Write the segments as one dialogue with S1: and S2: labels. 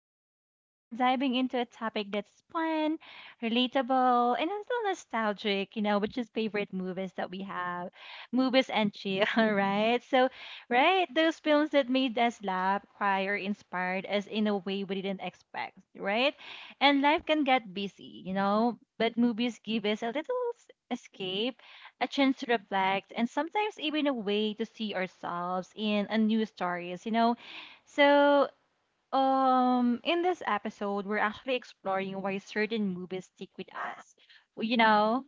S1: Vibes. Today, we're diving into a topic that's fun, relatable, and a little nostalgic, you know, which is favorite movies that we have, movies and chill, right? So, right, those films that made us laugh, cry, or inspired us in a way we didn't expect, right? And life can get busy, you know, but movies give us a little escape, a chance to reflect, and sometimes even a way to see ourselves in a new stories, so, in this episode, we're actually exploring why certain movies stick with us, you know,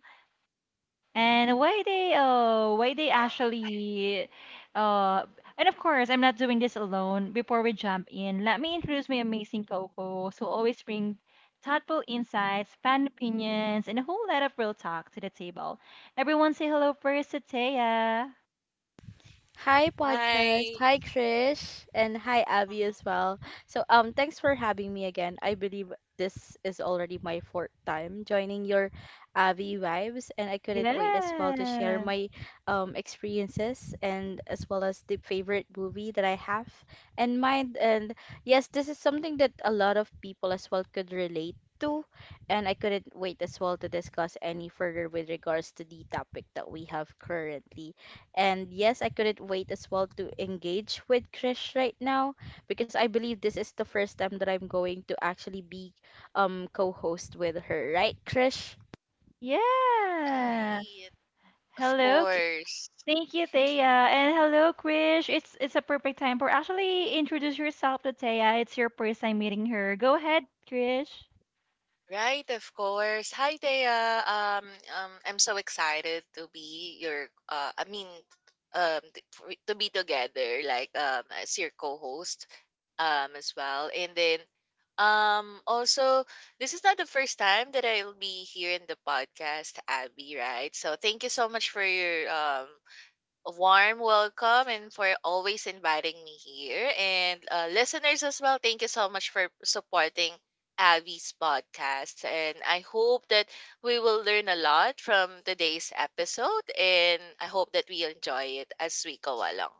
S1: and why they actually, uh, and of course, I'm not doing this alone. Before we jump in, let me introduce my amazing co-host who always bring thoughtful insights, fan opinions, and a whole lot of real talk to the table. Everyone, say hello first to Taya.
S2: Hi podcast,
S3: Hi.
S2: hi Krish, and hi Abby
S3: Mhm.
S2: as well. So thanks for having me again. I believe this is already my fourth time joining your Abby vibes and I couldn't wait as well to share
S1: Yeah.
S2: my experiences and as well as the favorite movie that I have in mind and yes, this is something that a lot of people as well could relate to and I couldn't wait as well to discuss any further with regards to the topic that we have currently. And yes, I couldn't wait as well to engage with Krish right now because I believe this is the first time that I'm going to actually be co-host with her, right, Krish?
S1: Yeah.
S3: Right. Of
S1: Hello,
S3: course.
S1: thank you, Thea. And hello, Krish. It's a perfect time for actually introduce yourself to Thea. It's your first time meeting her. Go ahead, Krish.
S3: Hi, Thea. I'm so excited to be your to be together as your co-host as well. And then also this is not the first time that I'll be here in the podcast, Abby, right? So thank you so much for your warm welcome and for always inviting me here. And listeners as well, thank you so much for supporting Abby's podcast. And I hope that we will learn a lot from today's episode. And I hope that we enjoy it as we go along.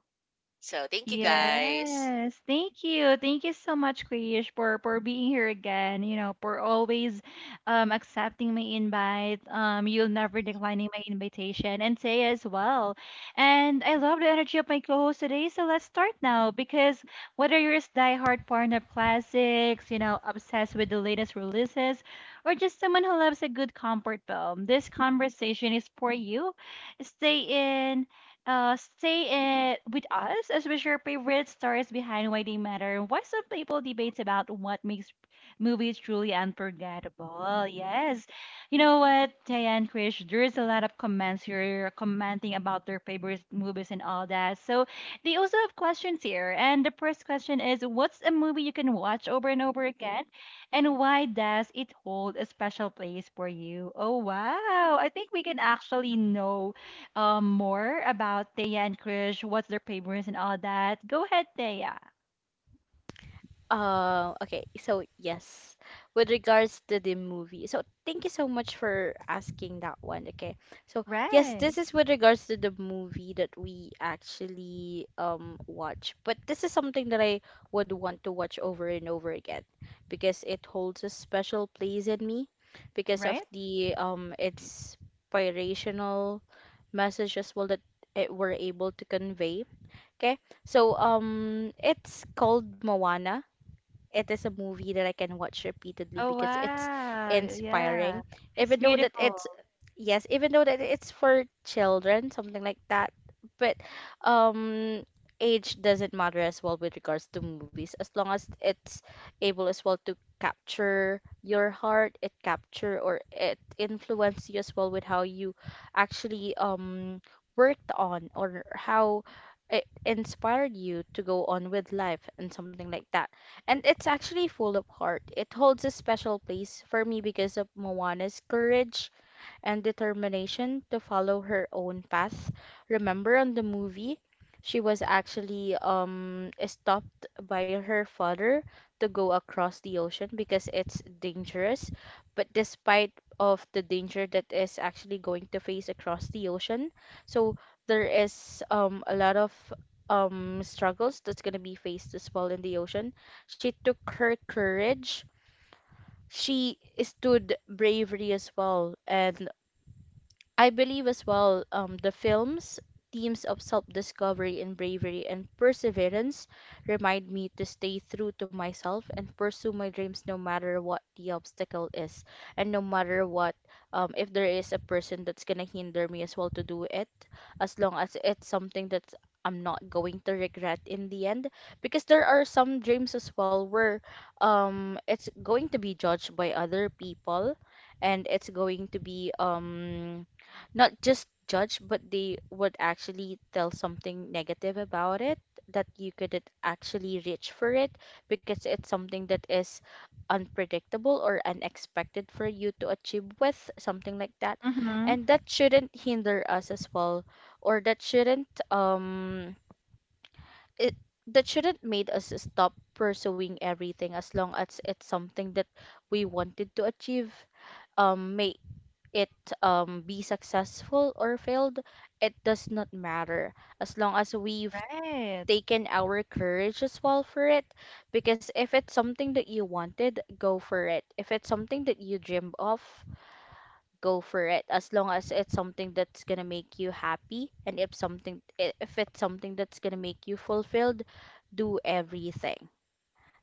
S3: So thank you guys.
S1: Yes, thank you. Thank you so much, Krish, for being here again. You know, for always accepting my invite. You'll never declining my invitation, and say as well. And I love the energy of my co-host today. So let's start now, because whether you're a diehard fan of classics, you know, obsessed with the latest releases, or just someone who loves a good comfort film, this conversation is for you. Stay in stay it with us as we share favorite stories behind why they matter and why some people debate about what makes movies truly unforgettable. Yes. You know what, Diane Krish, there's a lot of comments here commenting about their favorite movies and all that. So they also have questions here. And the first question is, what's a movie you can watch over and over again? And why does it hold a special place for you? Oh wow. I think we can actually know more about Thea and Krish, what's their favorites and all that. Go ahead, Thea.
S2: Okay, so yes, with regards to the movie, so thank you so much for asking that one. Okay, so yes,
S1: Right.
S2: this is with regards to the movie that we actually watch, but this is something that I would want to watch over and over again because it holds a special place in me because of
S1: Right?
S2: the inspirational message as well that it were able to convey. Okay, so it's called Moana, it is a movie that I can watch repeatedly
S1: Oh
S2: because it's
S1: wow. Yeah.
S2: inspiring.
S1: It's
S2: Even though that
S1: beautiful.
S2: it's, yes, even though that it's for children, something like that. But um age doesn't matter as well with regards to movies. As long as it's able as well to capture your heart, it capture or it influence you as well with how you actually worked on or how it inspired you to go on with life and something like that. And it's actually full of heart. It holds a special place for me because of Moana's courage and determination to follow her own path. Remember on the movie, she was actually stopped by her father to go across the ocean because it's dangerous. But despite of the danger that is actually going to face across the ocean, so there is a lot of struggles that's gonna be faced as well in the ocean. She took her courage, she stood bravery as well and I believe as well, the film's themes of self discovery and bravery and perseverance remind me to stay true to myself and pursue my dreams no matter what the obstacle is and no matter what, if there is a person that's gonna hinder me as well to do it, as long as it's something that I'm not going to regret in the end, because there are some dreams as well where it's going to be judged by other people and it's going to be, not just judge, but they would actually tell something negative about it, that you couldn't actually reach for it because it's something that is unpredictable or unexpected for you to achieve with something like that.
S1: Mm-hmm.
S2: And that shouldn't hinder us as well, or it that shouldn't made us stop pursuing everything as long as it's something that we wanted to achieve, may it, be successful or failed, it does not matter as long as we've
S1: Right.
S2: taken our courage as well for it. Because if it's something that you wanted, go for it. If it's something that you dreamed of, go for it. As long as it's something that's gonna make you happy, and if if it's something that's gonna make you fulfilled, do everything.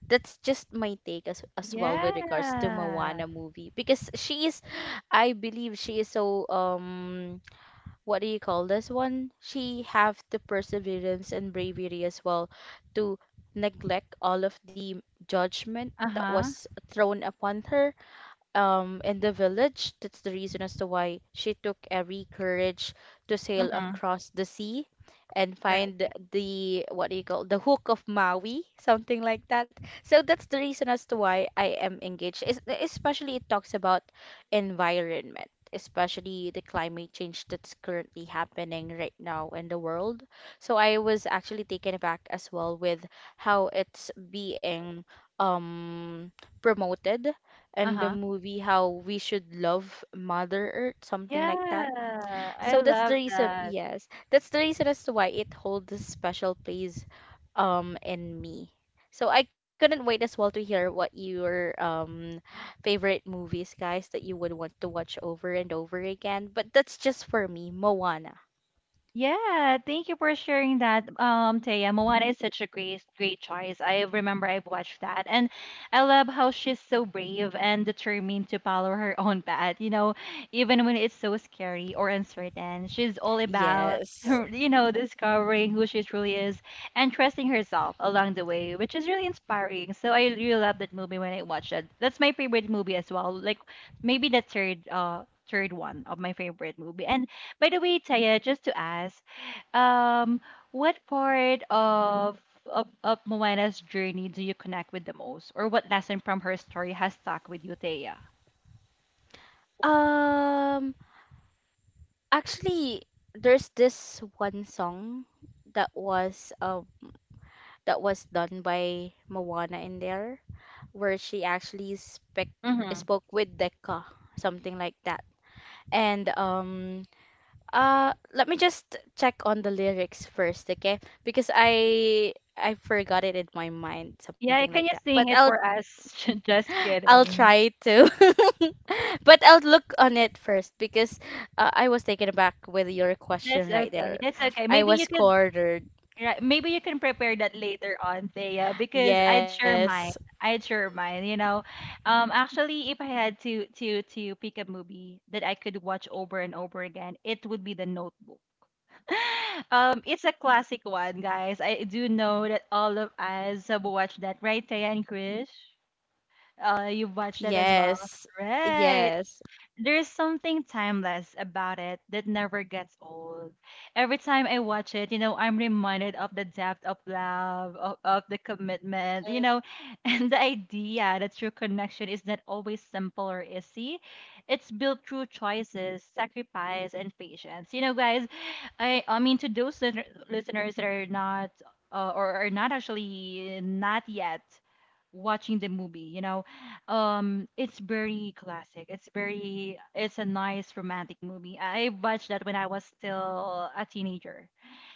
S2: That's just my take as well with regards to
S1: Yeah.
S2: Moana movie, because she is, I believe she is so what do you call this one? She have the perseverance and bravery as well to neglect all of the judgment that
S1: Uh-huh.
S2: was thrown upon her, in the village. That's the reason as to why she took every courage to sail
S1: Mm-hmm.
S2: across the sea and
S1: Right.
S2: find the, what do you call, the hook of Maui, something like that. So that's the reason as to why I am engaged. Especially it talks about environment, especially the climate change that's currently happening right now in the world. So I was actually taken aback as well with how it's being um promoted in the
S1: Uh-huh.
S2: movie, how we should love Mother Earth, something like that.
S1: Yeah. I
S2: So that's the
S1: love
S2: reason,
S1: that.
S2: yes, that's the reason as to why it holds a special place in me. So I couldn't wait as well to hear what your favorite movies, guys, that you would want to watch over and over again. But that's just for me, Moana.
S1: Yeah, thank you for sharing that, Taya. Moana is such a great, great choice. I remember I've watched that, and I love how she's so brave and determined to follow her own path. You know, even when it's so scary or uncertain, she's all about,
S2: Yes.
S1: her, you know, discovering who she truly is and trusting herself along the way, which is really inspiring. So I really love that movie when I watched it. That's my favorite movie as well. Like maybe the third, third one of my favorite movie. And by the way, Taya, just to ask, um, what part of of Moana's journey do you connect with the most, or what lesson from her story has stuck with you, Taya?
S2: Um, actually, there's this one song that was, that was done by Moana in there, where she actually spec
S1: Mm-hmm.
S2: spoke with Decca, something like that. And let me just check on the lyrics first, okay? Because I forgot it in my mind, something
S1: Yeah,
S2: like
S1: can
S2: that.
S1: you
S2: But
S1: sing
S2: I'll
S1: it for us? Just
S2: I'll
S1: kidding.
S2: try to. But I'll look on it first because, I was taken aback with your
S1: That's
S2: question right
S1: okay.
S2: there.
S1: That's okay.
S2: I
S1: Maybe you
S2: was
S1: could,
S2: cornered.
S1: right, maybe you can prepare that later on, Thea, because I'd share
S2: Yes.
S1: mine. I'd share mine. You know, actually, if I had to pick a movie that I could watch over and over again, it would be The Notebook. It's a classic one, guys. I do know that all of us have watched that, right, Taya and Krish? You've watched that as well,
S2: Yes.
S1: right?
S2: Yes.
S1: There's something timeless about it that never gets old. Every time I watch it, you know, I'm reminded of the depth of love, of the commitment, you know, and the idea that true connection is not always simple or easy. It's built through choices, sacrifice, and patience. You know, guys, I mean to those listeners that are not or are not actually not yet watching the movie, it's very classic. It's very, it's a nice romantic movie. I watched that when I was still a teenager.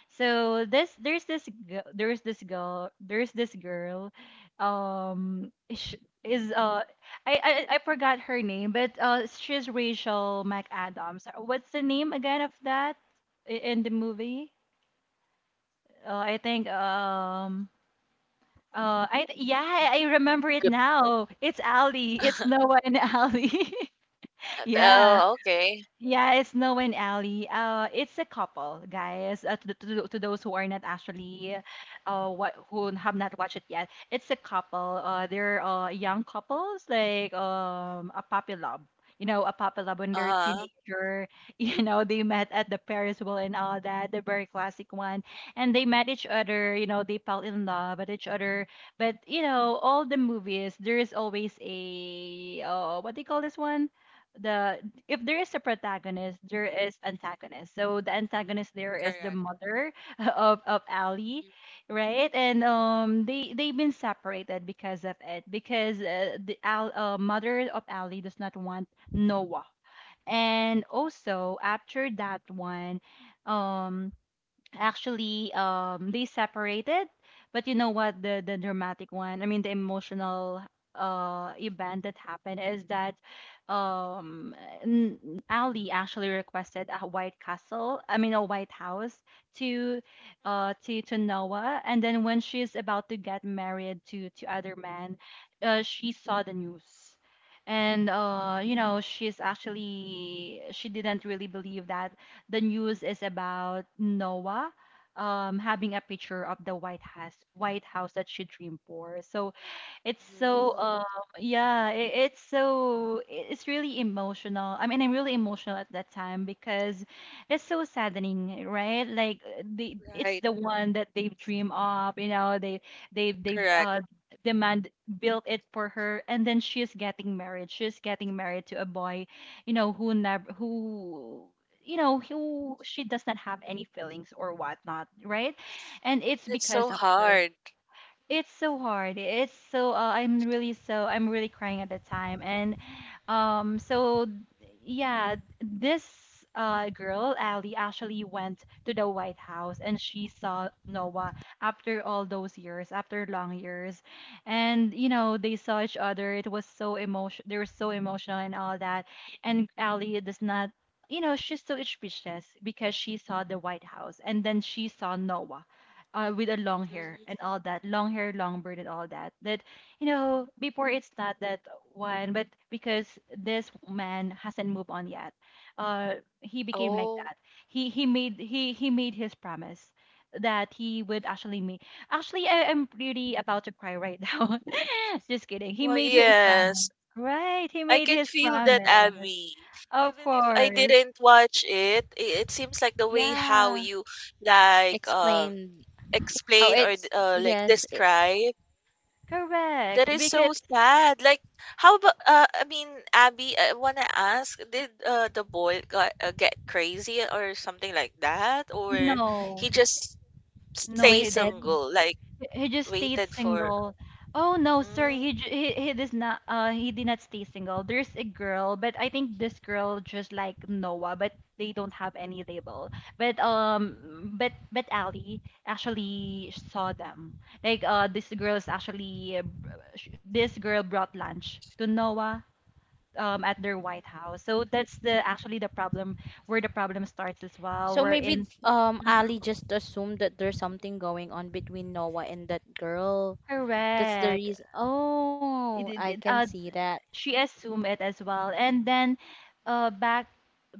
S1: So this, there's this, gi- there's this girl, sh is I forgot her name, but she's Rachel McAdams. What's the name again of that in the movie? I think. I yeah, I remember it now. It's Ali. It's Noah and Ali.
S3: Yes.
S1: Yeah,
S3: Oh, okay.
S1: yeah, it's Noe and Ali. It's a couple, guys. To those who are not actually, what, who have not watched it yet, it's a couple. They're young couples, like a puppy love. You know, a puppy love when they're
S3: Uh huh.
S1: teenager. You know, they met at the Paris Wheel and all that, the very classic one. And they met each other. You know, they fell in love at each other. But you know, all the movies, there is always a what do you call this one? The If there is a protagonist, there is antagonist. So the antagonist there is the
S3: Correct.
S1: mother of Ali,
S3: Mhm.
S1: right? And they've been separated because of it, because mother of Ali does not want Noah. And also after that one, um, actually they separated, but you know what, the dramatic one, I mean the emotional event that happened is that um n- Ali actually requested a white castle, I mean a white house, to to Noah. And then when she's about to get married to other man, uh, she saw the news. And uh, you know, she's actually, she didn't really believe that the news is about Noah um having a picture of the White House, White House that she dreamed for. So it's so
S3: Mm,
S1: yeah, it's so it's really emotional. I mean, I'm really emotional at that time because it's so saddening, right? Like they, it's
S3: right.
S1: the one that they dream of, you know, they they they
S3: Correct.
S1: uh demand built it for her, and then she's getting married. She's getting married to a boy, you know, who never who, you know, who she does not have any feelings or whatnot, right? And it's
S3: That's so
S1: because of her,
S3: hard.
S1: it's so hard. It's so I'm really crying at the time. And so yeah, this girl Ali actually went to the White House and she saw Noah after all those years, after long years, and you know they saw each other. It was so emotion. They were so emotional and all that, and Ali does not. You know, she's so speechless because she saw the White House and then she saw Noah with a long hair and
S3: Mhm.
S1: all that, long hair, long beard, and all that. That you know, before it's not that one, but because this man hasn't moved on yet, uh, he became like
S3: Oh.
S1: that. He made his promise that he would actually make. Actually, I am really about to cry right now. Just kidding. He
S3: Well,
S1: made his promise.
S3: yes.
S1: Right, he
S3: I
S1: made
S3: can
S1: his
S3: feel that,
S1: promise.
S3: Abby.
S1: Of
S3: Even if I
S1: course.
S3: didn't watch it, it seems like the way how
S1: Yeah,
S3: you like um
S2: Explained how
S3: explain or
S2: it's,
S3: like
S2: yes, it
S3: describe that
S1: correct.
S3: is
S1: Because
S3: so sad. Like how about Abby, I wanna ask, did the boy got get crazy or something like that, or
S1: no,
S3: he just
S1: no,
S3: stay
S1: he
S2: weighted,
S3: single, like
S1: He just stayed
S3: waited for?
S1: single. Oh no, sorry.
S3: Mm,
S1: He does not. He did not stay single. There's a girl, but I think this girl just like Noah, but they don't have any label. But Ali actually saw them. Like this girl is actually this girl brought lunch to Noah at their White
S3: mm,
S1: House. So that's the actually the problem, where the problem starts as well.
S2: so
S1: We're
S2: maybe
S1: in
S2: Ali just assumed that there's something going on between Noah and that girl, that's the
S1: correct.
S2: reason. Oh,
S1: It,
S2: I
S1: it, it-
S2: can
S1: uh,
S2: see that.
S1: she assumed it as well. And then uh back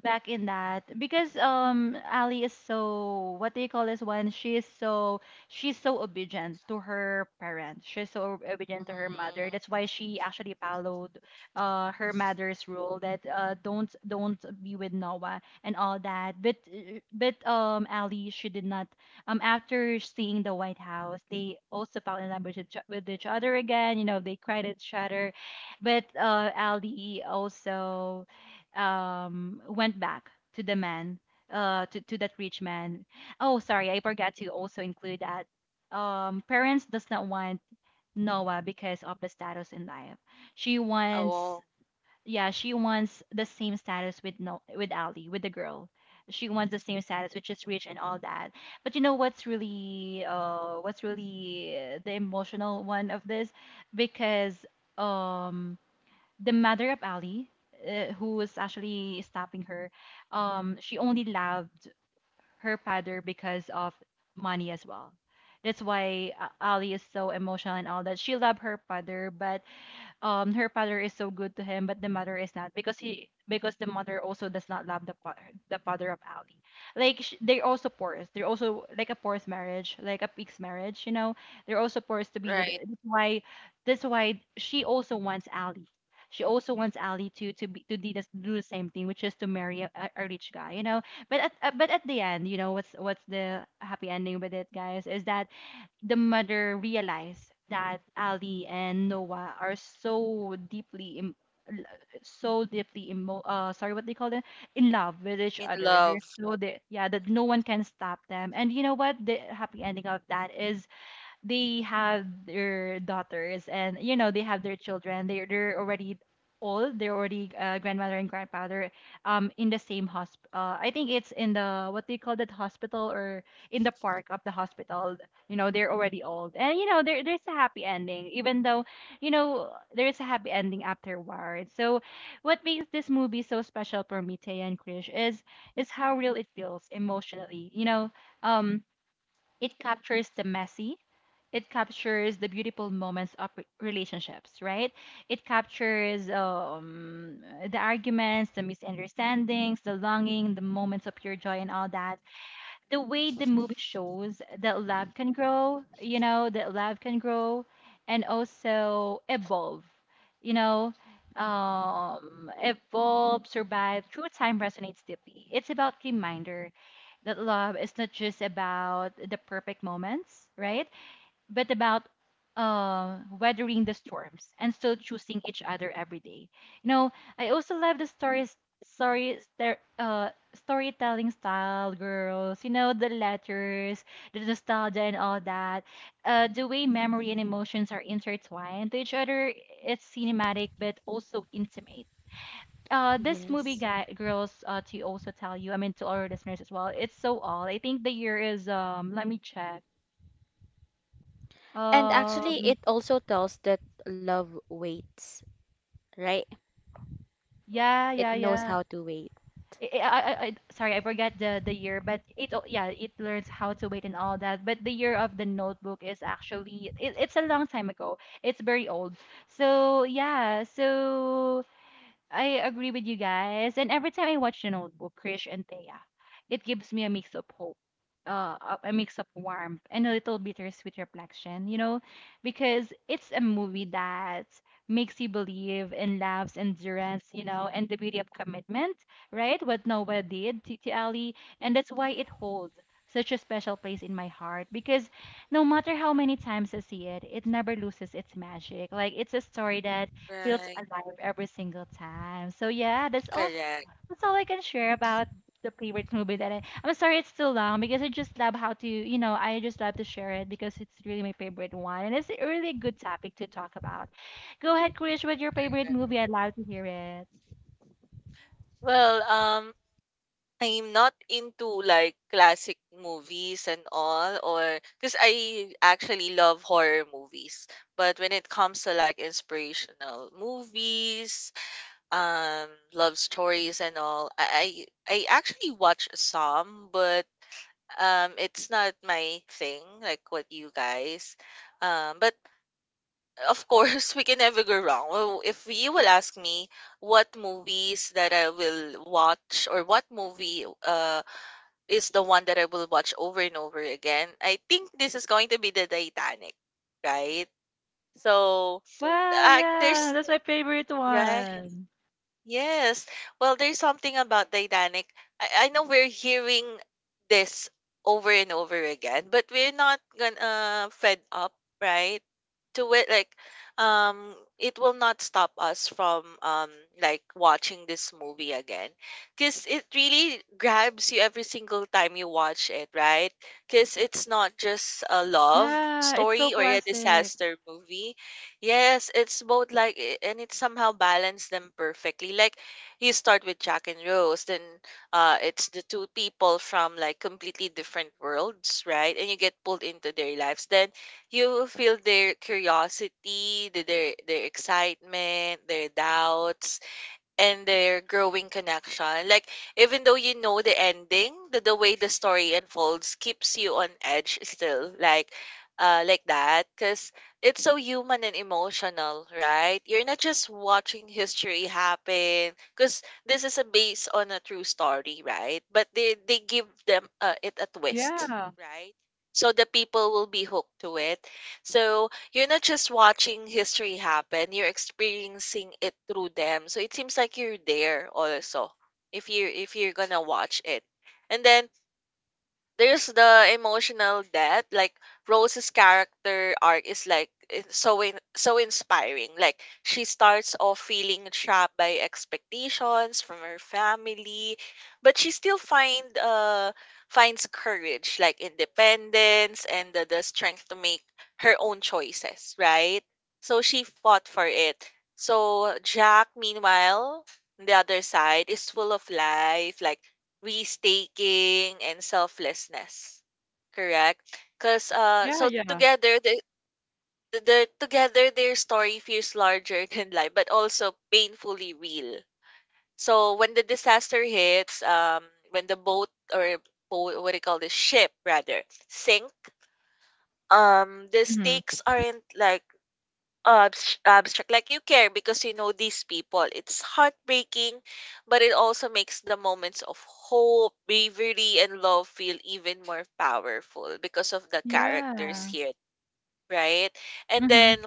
S1: back in that, because Ali is so, what do you call this one? She is so, she's so obedient to her parents. She's so obedient to her mother. That's why she actually followed her mother's rule that don't be with Noah and all that. But Ali, she did not after seeing the White House, they also fell in love with with each other again. You know, they cried at each other. But Ali also um went back to the man, to that rich man. Oh, sorry, I forgot to also include that. Parents does not want Noah because of the status in life. She wants,
S3: oh,
S1: yeah, she wants the same status with no, with Ali, with the girl. She wants the same status, which is rich and all that. But you know what's really, the emotional one of this, because um the mother of Ali, who was actually stopping her, she only loved her father because of money as well. That's why Ali is so emotional and all that. She loved her father, but her father is so good to him, but the mother is not because the mother also does not love the father of Ali. Like they're also forced. They're also like a forced marriage, like a pig's marriage. You know, they're also forced to be with.
S3: right.
S1: That's why she also wants Ali. She also wants Ali to be, to do the same thing, which is to marry a rich guy. You know, but at the end, you know what's the happy ending with it, guys? Is that the mother realized that Ali and Noah are l- so deeply emo- sorry what they call it in love with each
S3: In
S1: other. They're
S3: love.
S1: so they yeah that no one can stop them. And you know what the happy ending of that is, they have their daughters, and you know they have their children. They're already old. They're already grandmother and grandfather in the same hospital. I think it's in the what do you call that hospital, or in the park of the hospital. You know, they're already old, and you know there's a happy ending, even though you know there's a happy ending afterward. So what makes this
S3: Mm,
S1: movie so special for me, Taya and Krish, is how real it feels emotionally, you know. um it captures the messy, it captures the beautiful moments of relationships, right? It captures the arguments, the misunderstandings, the longing, the moments of pure joy, and all that. The way the movie shows that love can grow, you know, that love can grow and also evolve, you know, evolve, survive through time resonates deeply. It's about reminder that love is not just about the perfect moments, right? But about weathering the storms and still choosing each other every day. You know, I also love the storytelling style, girls. You know, the letters, the nostalgia, and all that. The way memory and emotions are intertwined to each other. It's cinematic, but also intimate. This movie,
S2: Yes.
S1: girls, to also tell you, I mean, to our listeners as well, it's so all. I think the year is let me check.
S2: And actually
S1: Um,
S2: it also tells that love waits, right,
S1: Yeah,
S2: it
S1: yeah,
S2: knows
S1: yeah.
S2: how to wait.
S1: I, sorry, I forgot the year, but yeah, it learns how to wait and all that. But the year of the notebook is actually it's a long time ago. It's very old. So yeah, so I agree with you guys. And every time I watch The Notebook, Krish and Thea, it gives me a mix of hope, uh, a mix of warmth, and a little bittersweet reflection, you know, because it's a movie that makes you believe in love's endurance, you know, and the beauty of commitment, right? What Noah did to Ali. And that's why it holds such a special place in my heart, because no matter how many times I see it, it never loses its magic. Like, it's a story that feels
S3: right.
S1: alive every single time. So yeah,
S3: Correct.
S1: that's all I can share about the favorite movie that I'm sorry it's too long, because I just love how to, you know, I just love to share it because it's really my favorite one, and it's a really good topic to talk about. Go ahead, Krish, what's your favorite movie? I'd love to hear it.
S3: Well, I'm not into like classic movies and all, or because I actually love horror movies. But when it comes to like inspirational movies, love stories and all, I actually watch some, but it's not my thing, like what you guys. But of course, we can never go wrong. Well, if you will ask me what movies that I will watch or what movie is the one that I will watch over and over again, I think this is going to be the Titanic, right? So,
S1: Wow,
S3: uh,
S1: yeah,
S3: there's
S1: that's my favorite
S3: right?
S1: one.
S3: Yes. Well, there's something about Titanic. I know we're hearing this over and over again, but we're not gonna fed up, right? To it, like, it will not stop us from like watching this movie again, because it really grabs you every single time you watch it, right? Because it's not just a love
S1: Yeah, it's so
S3: story or a
S1: classic.
S3: disaster movie. Yes, it's both like and it somehow balanced them perfectly. Like you
S1: Yes,
S3: start
S1: yes,
S3: with Jack and
S1: yes. I
S3: Rose,
S1: agree
S3: then
S1: with you, Krish.
S3: it's the two people
S1: It's like
S3: from like completely different
S1: what do you call this
S3: worlds,
S1: one?
S3: right? And you get pulled
S1: Mhm.
S3: into their lives. Then you feel their curiosity, their excitement, their doubts, and their growing connection. Like, even though you know the ending, the way the story unfolds keeps you on edge still, like that, because it's so human and emotional, right? You're not just watching history happen, because this is a based on a true story, right? But they give them it a twist,
S1: Yeah.
S3: right? So the people will be hooked to it. So you're not just watching history happen, you're experiencing it through them. So it seems like you're there also if you if you're gonna watch it. And then there's the emotional death. Like Rose's character arc is like it's so inspiring. Like she starts off feeling trapped by expectations from her family, but she still finds courage, like independence and the strength to make her own choices, right? So she fought for it. So Jack, meanwhile, on the other side, is full of life, like risk-taking and selflessness. Correct? Because
S1: Yeah,
S3: so
S1: yeah.
S3: the together their story feels larger than life, but also painfully real. So when the disaster hits, when the or boat, what do you call this ship rather, sink, the
S1: Mhm.
S3: stakes aren't like abstract. Like you care because you know these people. It's heartbreaking, but it also makes the moments of hope, bravery and love feel even more powerful because of the characters
S1: Yeah.
S3: here, right? And
S1: Mhm.
S3: then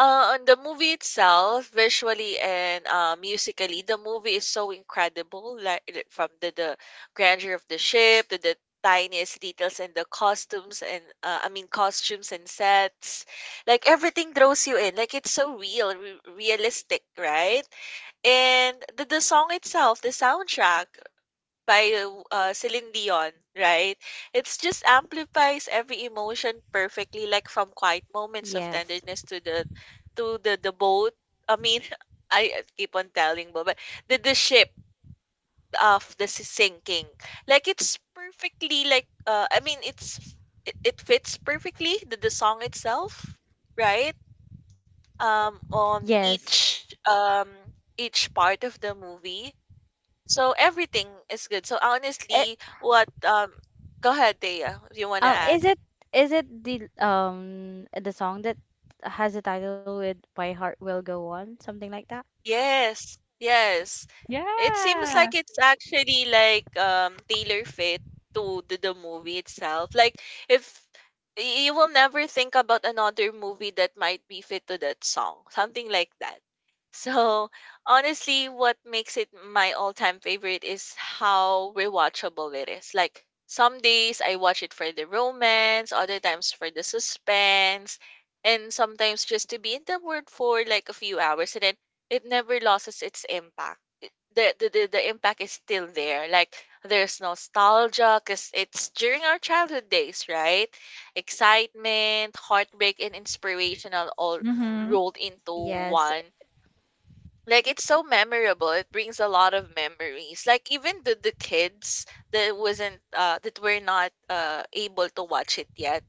S3: on the movie itself, visually and musically, the movie is so incredible. Like from the grandeur of the ship to the tiniest details and the costumes and costumes and sets, like everything draws you in. Like it's realistic, right? And the song itself, the soundtrack by Celine Dion, right? It's just amplifies every emotion perfectly, like from quiet moments of
S2: Yes.
S3: tenderness to the boat. I mean, I keep on telling, but the ship of the sinking, like it's perfectly like it's it, it fits perfectly the song itself, right? On
S2: Yes.
S3: each part of the movie, so everything is good. So
S2: it,
S3: honestly, what go ahead, Dea, if you wanna
S2: um
S3: add.
S2: is it is it the song that has a title with my heart will go on, something like that?
S3: Yes, yes. It seems
S1: Yeah.
S3: like it's actually like tailor fit to the movie itself. Like if you will never think about another movie that might be fit to that song, something like that. So honestly, what makes it my all-time favorite is how rewatchable it is. Like some days I watch it for the romance, other times for the suspense, and sometimes just to be in the world for like a few hours and then it never loses its impact. The impact is still there. Like there's nostalgia because it's during our childhood days, right? Excitement, heartbreak, and inspirational all
S1: Mhm.
S3: rolled into
S2: Yes.
S3: one. Like it's so memorable. It brings a lot of memories. Like even the kids that wasn't that were not able to watch it yet,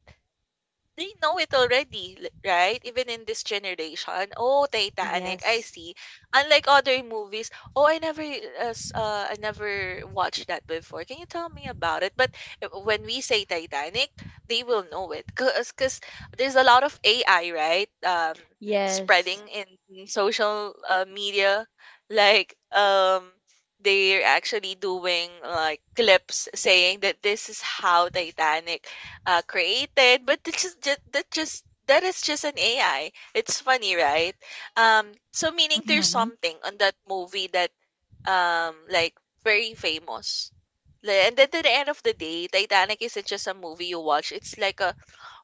S3: they know it already, right? Even in this generation. Oh, Titanic, I
S2: Yes.
S3: see. Unlike other movies, oh, I never I never watched that before. Can you tell me about it? But when we say Titanic, they will know it because 'cause there's a lot of AI, right?
S2: Yes,
S3: Spreading in social media, like um. They're actually doing like clips saying that this is how Titanic created, but it's just ju- that just that is just an AI. It's funny, right? Um, so meaning there's
S1: Mhm.
S3: something on that movie that um like very famous. And then to the end of the day, Titanic isn't just a movie you watch. It's like a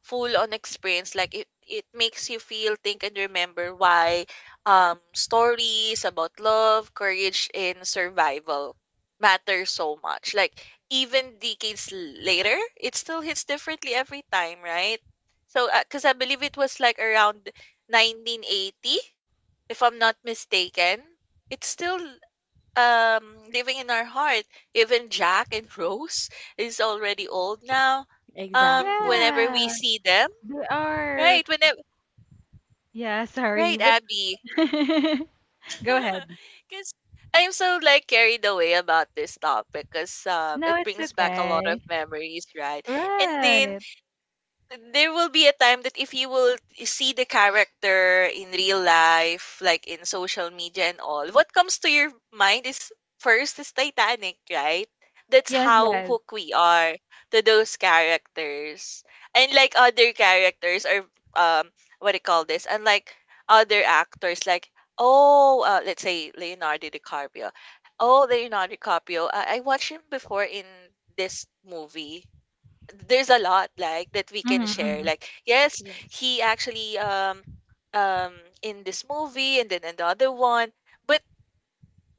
S3: full on experience. Like it makes you feel, think, and remember why stories about love, courage, and survival matter so much. Like even decades later, it still hits differently every time, right? So, because I believe it was like around 1980, if I'm not mistaken, it's still living in our heart. Even Jack and Rose is already old now.
S2: exactly.
S3: Whenever
S1: Yeah.
S3: we see them,
S1: They are
S3: right? Whenever,
S1: Yeah, sorry,
S3: right,
S1: but
S3: Abby?
S1: go ahead.
S3: Because I'm so like carried away about this topic because
S1: No,
S3: it
S1: it's
S3: brings back a lot of
S1: okay.
S3: memories, right? And then
S1: Right.
S3: there will be a time that if you will see the character in real life, like in social media and all, what comes to your mind is first is Titanic, right? That's
S1: Yes,
S3: how
S1: yes.
S3: hooked we are to those characters. And like other characters or um what do you call this? Unlike other actors like oh let's say Leonardo DiCaprio. Oh Leonardo DiCaprio. I watched him before in this movie. There's a lot like that we can
S1: Mhm,
S3: share,
S1: mhm.
S3: like yes,
S2: Yes.
S3: he actually um in this movie and then another one, but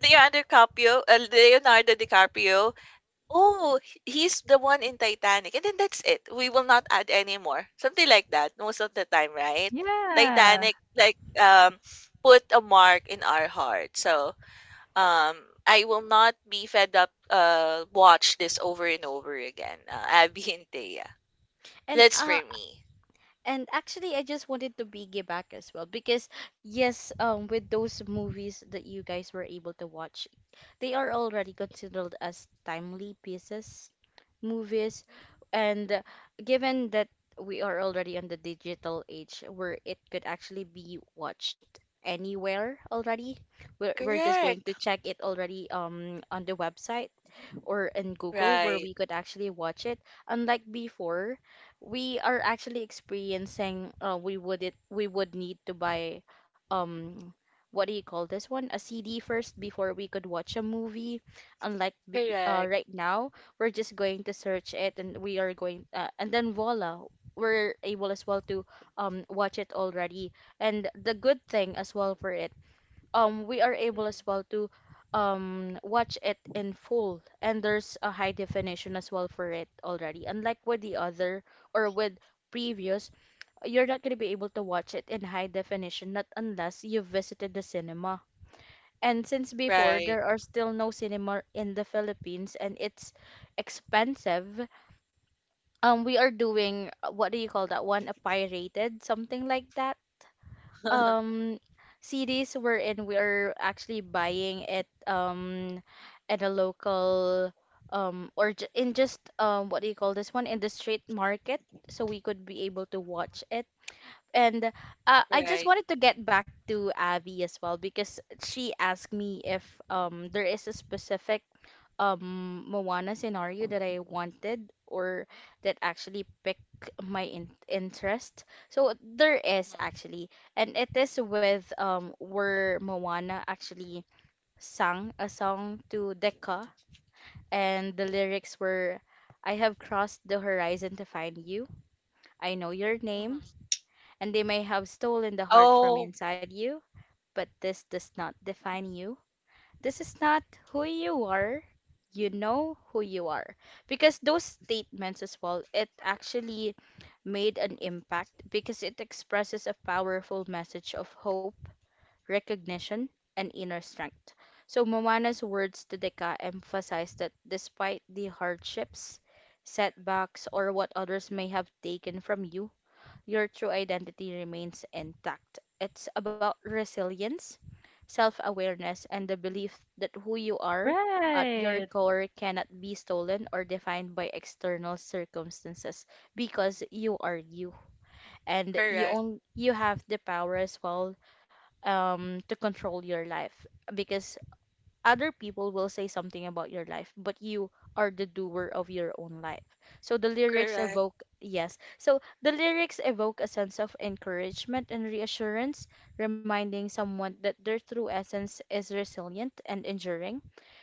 S3: Leonardo DiCaprio, Leonardo DiCaprio, oh he's the one in Titanic, and then that's it. We will not add anymore something like that most of the time, right?
S1: Yeah.
S3: Titanic like put a mark in our heart. So um I will not be fed up watch this over and over again, Abby and Thea.
S2: And
S3: That's for
S2: uh
S3: me.
S2: and actually I just wanted to piggyback as well because, yes, with those movies that you guys were able to watch, they are already considered as timely pieces, movies,
S3: Mhm.
S2: and, given that we are already on the digital age where it could actually be watched anywhere already, we're just going
S3: Correct.
S2: to check it already on the website or in Google where
S3: Right.
S2: we could actually watch it. Unlike before, we are actually experiencing, we would need to buy, um what do you call this one? A CD first before we could watch a movie. Unlike
S3: Correct.
S2: right now, we're just going to search it and we are going, and then voila, we're able as well to watch it already. And the good thing as well for it, we are able
S3: Mhm.
S2: as well to watch it in full and there's a high definition as well for it already, unlike with the other or with previous, you're not going to be able to watch it in high definition not unless you visited the cinema. And since before
S3: Right.
S2: there are still no cinema in the Philippines and it's expensive, we are doing, what do you call that one, a pirated something like that, um CDs wherein we're actually buying it at a local, or j in just what do you call this one, in the street market so we could be able to watch it. And, I just
S3: Right.
S2: wanted to get back to Abby as well because she asked me if there is a specific Moana scenario that I wanted or that actually picked my in interest. So there is
S3: Mhm.
S2: actually, and it is with, where Moana actually sang a song to Decca, and the lyrics were, "I have crossed the horizon to find you. I know your
S3: Mhm.
S2: name, and they may have stolen the heart from
S3: Oh,
S2: inside you, but this does not define you. This is not who you are." You know who you are, because those statements as well, it actually made an impact because it expresses a powerful message of hope, recognition and inner strength. So Moana's words to Deka emphasize that despite the hardships, setbacks or what others may have taken from you, your true identity remains intact. It's about resilience, self awareness, and the belief that who you are at your
S1: Right.
S2: core cannot be stolen or defined by external circumstances, because you are you and
S3: correct.
S2: you have the power as well to control your life, because other people will say something about your life, but you are the doer of your own life. So the lyrics
S3: Correct.
S2: evoke, yes, so the lyrics evoke a sense of encouragement and reassurance, reminding someone that their true essence is resilient and enduring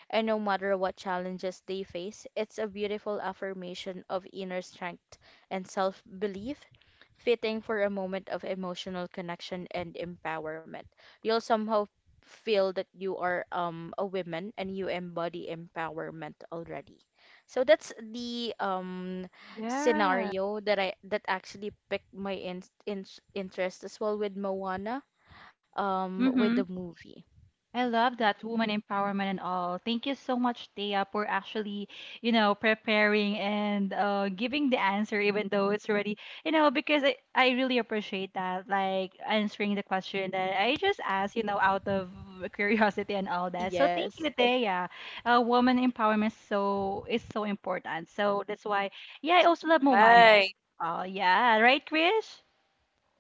S2: and no matter what challenges they face, it's a beautiful affirmation of inner strength and self belief, fitting for a moment of emotional connection and empowerment. You'll somehow feel that you are, a woman and you embody empowerment already. So that's the,
S1: Yeah.
S2: scenario that I that actually picked my interest as well with Moana, with the
S1: Mhm.
S2: movie.
S1: I love that woman empowerment and all. Thank you so much, Thea, for actually, you know, preparing and giving the answer, even though it's already, you know, because I really appreciate that, like answering the question that I just asked, you know, out of curiosity and all that. So thank you,
S2: Yes.
S1: Thea. Woman empowerment so is so important. So that's why, yeah, I also love Moana.
S3: Right.
S1: Oh yeah, right, Krish?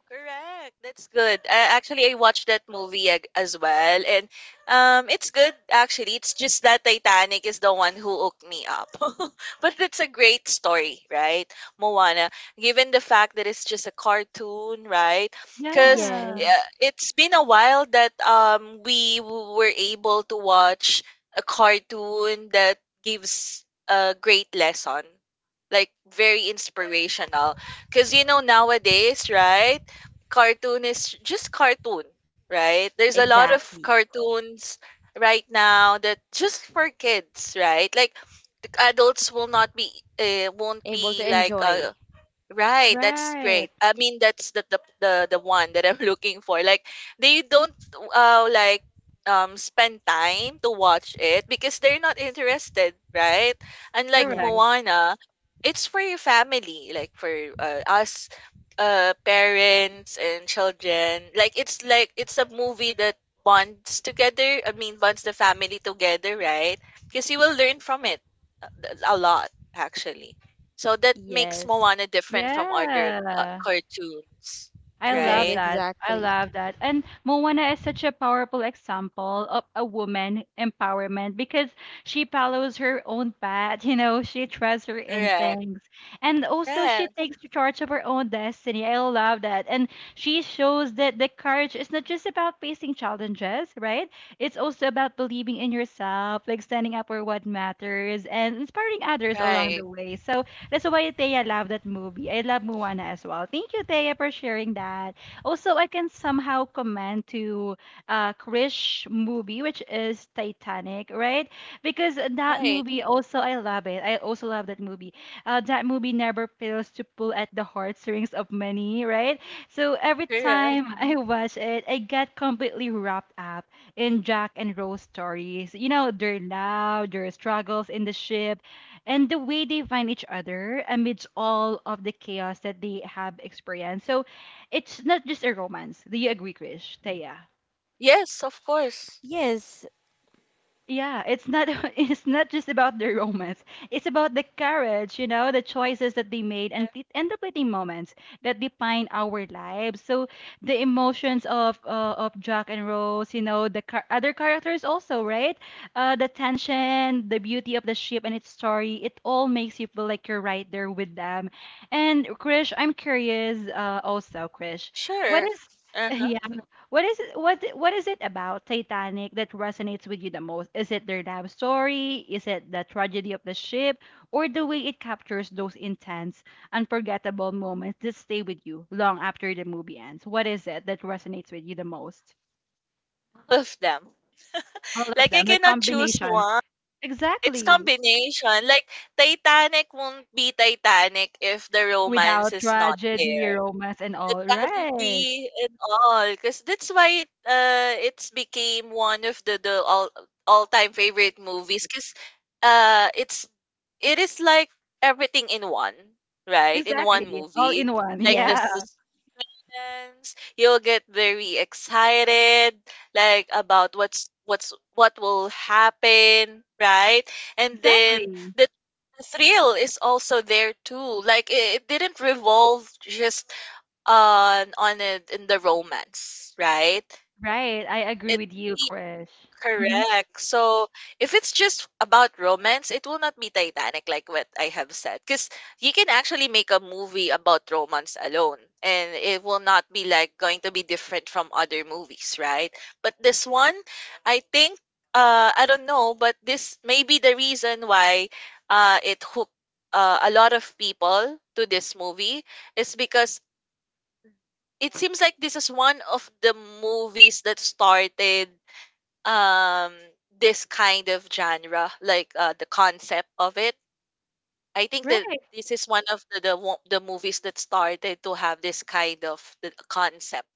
S3: Correct. That's good. I, actually, I watched that movie as well, and it's good. Actually, it's just that Titanic is the one who hooked me up. but it's a great story, right, Moana? Given the fact that it's just a cartoon, right? Because
S1: Yeah,
S2: Yes,
S3: it's been a while that we were able to watch a cartoon that gives a great lesson, like very inspirational. Because you know nowadays, right? Cartoon is just cartoon, right? There's a lot oh, of
S2: exactly.
S3: cartoons right now that just for kids, right? Like the adults will not be won't
S2: Able
S3: be
S2: to
S3: like
S2: enjoy.
S3: right, that's
S1: right,
S3: great. I mean, that's the one that I'm looking for. Like they don't uh like spend time to watch it because they're not interested, right? Unlike
S1: correct.
S2: Yes,
S3: Moana, it's for your family, like for us parents and children. Like it's a movie that bonds together. I mean, bonds the family together, right? Because you will learn from it a lot actually. So that makes
S2: yes,
S3: Moana different from other
S1: Yeah.
S3: cartoons,
S1: I love
S2: yes,
S3: right?
S1: that. I
S2: exactly.
S1: love that. And Moana is such a powerful example of a woman empowerment because she follows her own path, you know, she trusts her
S3: Correct.
S1: instincts. And also she
S3: Yes.
S1: takes charge of her own destiny. I love that. And she shows that the courage is not just about facing challenges, right? It's also about believing in yourself, like standing up for what matters and inspiring others along the
S3: Right.
S1: way. So that's why Thea loved that movie. I love Moana as well. Thank you, Thea, for sharing that. Also, I can somehow comment to Krish movie, which is Titanic, right? Because that
S3: Right.
S1: movie also, I love it. I also love that movie. That movie never fails to pull at the heartstrings of many, right? So every
S3: Correct.
S1: time I watch it, I get completely wrapped up in Jack and Rose stories. You know, their love, their struggles in the ship, and the way they find each other amidst all of the chaos that they have experienced. So it's not just a romance. Do you agree, Krish? Taya?
S3: Yes, of course.
S2: Yes,
S1: Yeah, it's not it's not just about the romance. It's about the courage, you know, the choices that they made and
S3: Uh,
S1: the fleeting moments that define our lives. So the emotions of Jack and Rose, you know, the other characters also, right? The tension, the beauty of the ship and its story, it all makes you feel like you're right there with them. And Krish, I'm curious also, Krish, what
S3: Sure.
S1: is
S3: Uh-huh.
S1: yeah, what is it, what is it about Titanic that resonates with you the most? Is it their love story? Is it the tragedy of the ship, or the way it captures those intense, unforgettable moments that stay with you long after the movie ends? What is it that resonates with you the most?
S3: All of them.
S1: All of
S3: Like, I
S1: them, the
S3: cannot choose
S1: combination.
S3: one. It's
S1: Exactly.
S3: combination. Like, Titanic won't be Titanic if the romance
S1: Without
S3: is not
S1: tragedy,
S3: there,
S1: romance, and
S3: the
S1: all. Right.
S3: tragedy and all, because that's why it's became one of the the all time favorite movies. Cause it's it is like everything in one, right? In one
S1: Exactly. All
S3: movie,
S1: in one.
S3: like the
S1: Yeah.
S2: yes,
S3: suspense, you'll get very excited, like about what's what will happen, right? And then
S1: Exactly.
S3: the thrill is also there too. Like it didn't revolve just on it in the romance, right?
S1: Right. I agree
S3: It
S1: with you,
S3: really
S1: Krish. Mm-hmm.
S3: correct. So if it's just about romance, it will not be Titanic, like what I have said, because you can actually make a movie about romance alone, and it will not be like going to be different from other movies, right? But this one, I think, I don't know, but this may be the reason why, it hooked. A lot of people to this movie is because it seems like this is one of the movies that started um this kind of genre, like the concept of it. I think
S1: Right.
S3: that this is one of the movies that started to have this kind of the concept,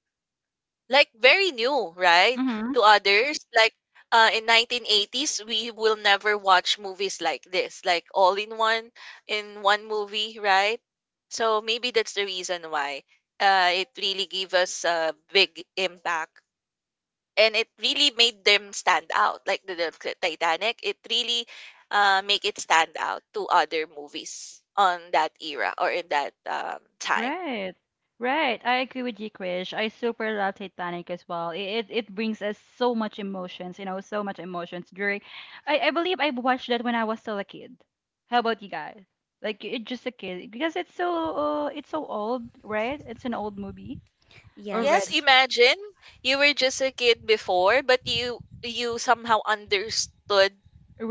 S3: like very new, right?
S1: Mm-hmm.
S3: To others, like in 1980s, we will never watch movies like this, like all in one movie, right? So maybe that's the reason why it really gave us a big impact, and it really made them stand out. Like the Titanic, it really make it stand out to other movies on that era or in that time.
S1: Right. Right. I agree with you, Krish. I super love Titanic as well. It brings us so much emotions, you know, so much emotions during I believe I watched that when I was still a kid. How about you guys? Like it just a kid because it's so old, right? It's an old movie
S3: Yes,
S1: already.
S2: yes,
S3: imagine you were just a kid before, but you somehow understood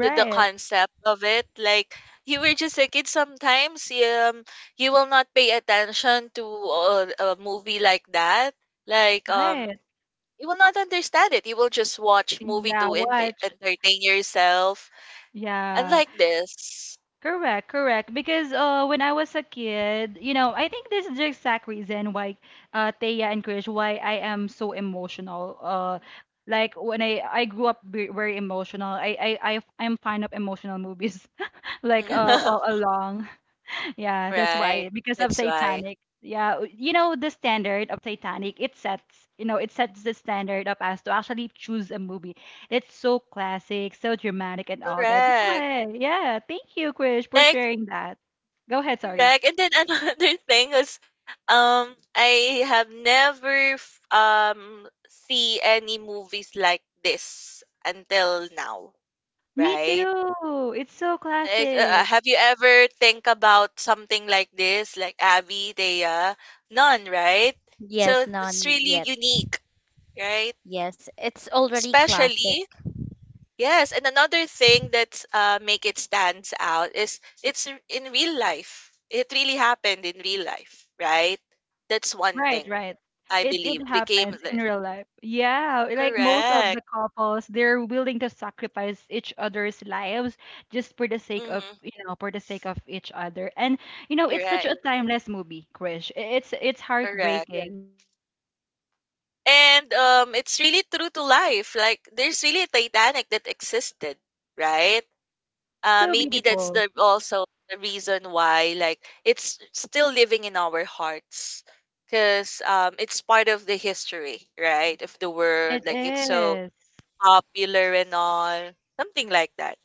S3: the concept of it. Like, you were just a kid sometimes, you will not pay attention to a movie like that. Like
S1: Right.
S3: you will not understand it. You will just watch movie
S1: Yeah,
S3: to
S1: watch.
S3: entertain yourself.
S1: Yeah,
S3: Unlike this,
S1: correct, correct. Because when I was a kid, you know, I think this is the exact reason why Thea and Krish, why I am so emotional. Like when I grew up very emotional. I'm fond of emotional movies, like all along. Yeah, that's why
S3: right?
S1: because of
S3: That's why.
S1: Titanic. Yeah, you know the standard of Titanic, it sets, you know, it sets the standard of us to actually choose a movie that's so classic, so dramatic and all that. That's
S3: Correct.
S1: why. Yeah, thank you, Krish, for
S3: Like,
S1: sharing that. Go ahead, sorry.
S3: correct. And then another thing is, I have never see any movies like this until now,
S1: Me
S3: right?
S1: too. It's so
S3: Like,
S1: classic.
S3: have you ever think about something like this, like Abby, Thea? None, right? So
S2: yes,
S3: it's
S2: none
S3: really
S2: yet.
S3: unique, right?
S2: Yes, it's already classic.
S3: Especially yes, and another thing that's make it stands out is it's in real life. It really happened in real life, right? That's one
S1: Right,
S3: thing
S1: right.
S3: I
S1: It
S3: believe became
S1: happens in
S3: the
S1: real life. Yeah, like most of
S3: correct.
S1: the couples, they're willing to sacrifice each other's lives just for the sake of,
S3: Mm-hmm.
S1: you know, for the sake of each other. And you know,
S3: You're
S1: it's such a
S3: right.
S1: timeless movie, Krish. It's yes.
S3: Correct.
S1: Heartbreaking for me. Eh, when I was a child,
S3: And
S1: I
S3: it's
S1: really
S3: really
S1: I
S3: true to
S1: really felt
S3: life. Like,
S1: that
S3: there's
S1: I
S3: really a
S1: was
S3: Titanic that
S1: heartbroken
S3: existed,
S1: already, you know.
S3: right?
S1: Like it's so
S3: Maybe that's
S1: beautiful.
S3: the also the reason why like it's still living in our hearts because it's part of the history, right, of the world,
S1: It
S3: like it's so
S1: is.
S3: popular and all something like that.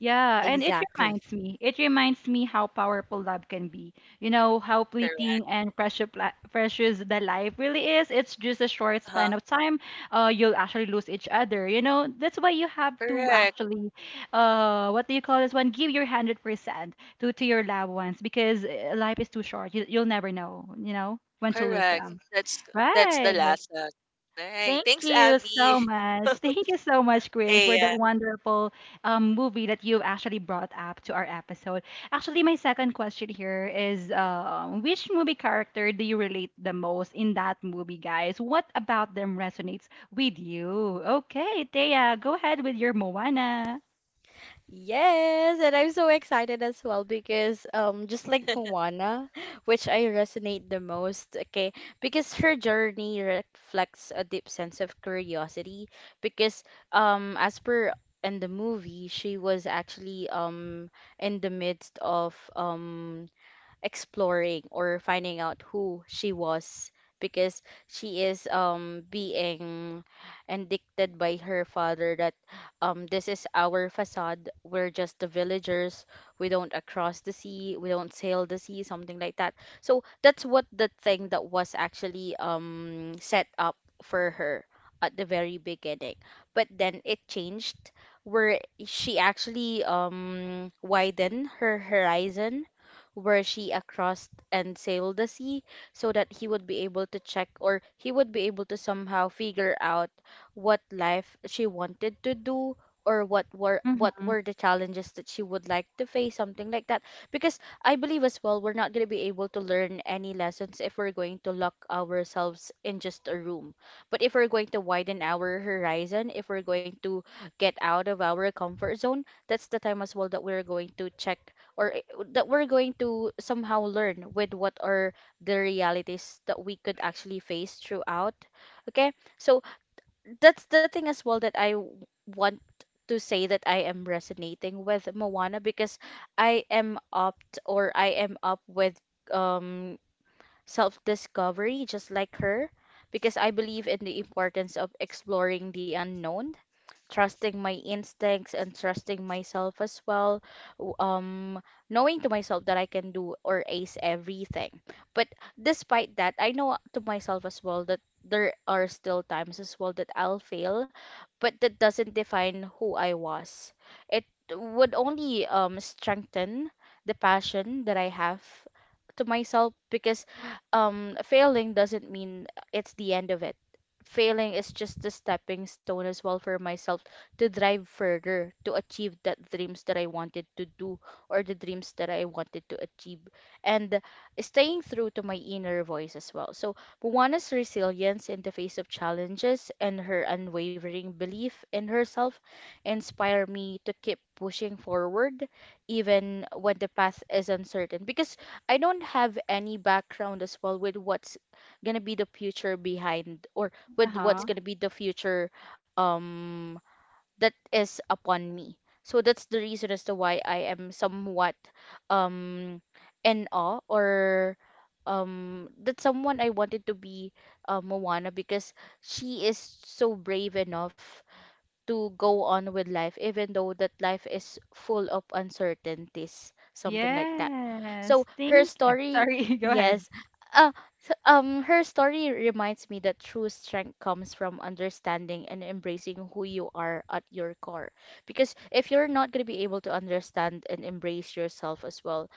S1: Yeah, and
S2: Exactly.
S1: it reminds me how powerful love can be. You know, how
S3: Correct,
S1: fleeting and precious, precious the life really is. It's just a short
S3: huh.
S1: span of time. You'll actually lose each other. You know, that's why you have to
S3: Correct.
S1: actually, what do you call this one? Give your 100% to your loved ones because life is too short. You, you'll never know, you know, when to lose
S3: Correct,
S1: them.
S3: that's the
S1: Right.
S3: last one. All right,
S1: Thank
S3: thanks,
S1: you so
S3: Abby.
S1: much. Thank you so much, Krish,
S3: Hey,
S1: for that wonderful movie that you actually brought up to our episode. Actually, my second question here is which movie character do you relate the most in that movie, guys? What about them resonates with you? Okay, Thea, go ahead with your Moana.
S2: Yes, and I'm so excited as well because just like
S3: yeah.
S2: Moana, which I resonate the most, okay, because her journey reflects a deep sense of curiosity because as per in the movie, she was actually in the midst of exploring or finding out who she was because she is being indicted by her father that this is our facade, we're just the villagers, we don't across the sea, we don't sail the sea, something like that. So that's what the thing that was actually set up for her at the very beginning, but then it changed where she actually widened her horizon, where she across and sailed the sea so that he would be able to check or he would be able to somehow figure out what life she wanted to do, or what were what
S1: Mm-hmm.
S2: were the challenges that she would like to face, something like that. Because I believe as well, we're not going to be able to learn any lessons if we're going to lock ourselves in just a room. But if we're going to widen our horizon, if we're going to get out of our comfort zone, that's the time as well that we're going to check, or i- that we're going to somehow learn with what are the realities that we could actually face throughout. Okay, so that's the thing as well that want to say, that I am resonating with Moana because I am opt, or I am up with um self-discovery just like her, because I believe in the importance of exploring the unknown, trusting my instincts and trusting myself as well. w- Um, Knowing to myself that I can do or ace everything. But despite that, I know to myself as well that there are still times as well that I'll fail, but that doesn't define who I was. It would only strengthen the passion that I have to myself, because failing doesn't mean it's the end of it. Failing is just a stepping stone as well for myself to drive further, to achieve that dreams that I wanted to do, or the dreams that I wanted to achieve. And staying through to my inner voice as well. So Moana's resilience in the face of challenges and her unwavering belief in herself inspire me to keep pushing forward even when the path is uncertain, because I don't have any background as well with what's gonna be the future behind or with
S1: Uh-huh.
S2: what's gonna be the future um that is upon me. So that's the reason as to why I am somewhat um in awe, or that someone I wanted to be Moana, because she is so brave enough to go on with life even though that life is full of uncertainties, something like that. So
S1: Yes.
S2: her
S1: Thank.
S2: story,
S1: Sorry, go ahead.
S2: yes, uh, her story reminds me that true strength comes from understanding and embracing who you are at your core, because if you're not going to be able to understand and embrace yourself as well,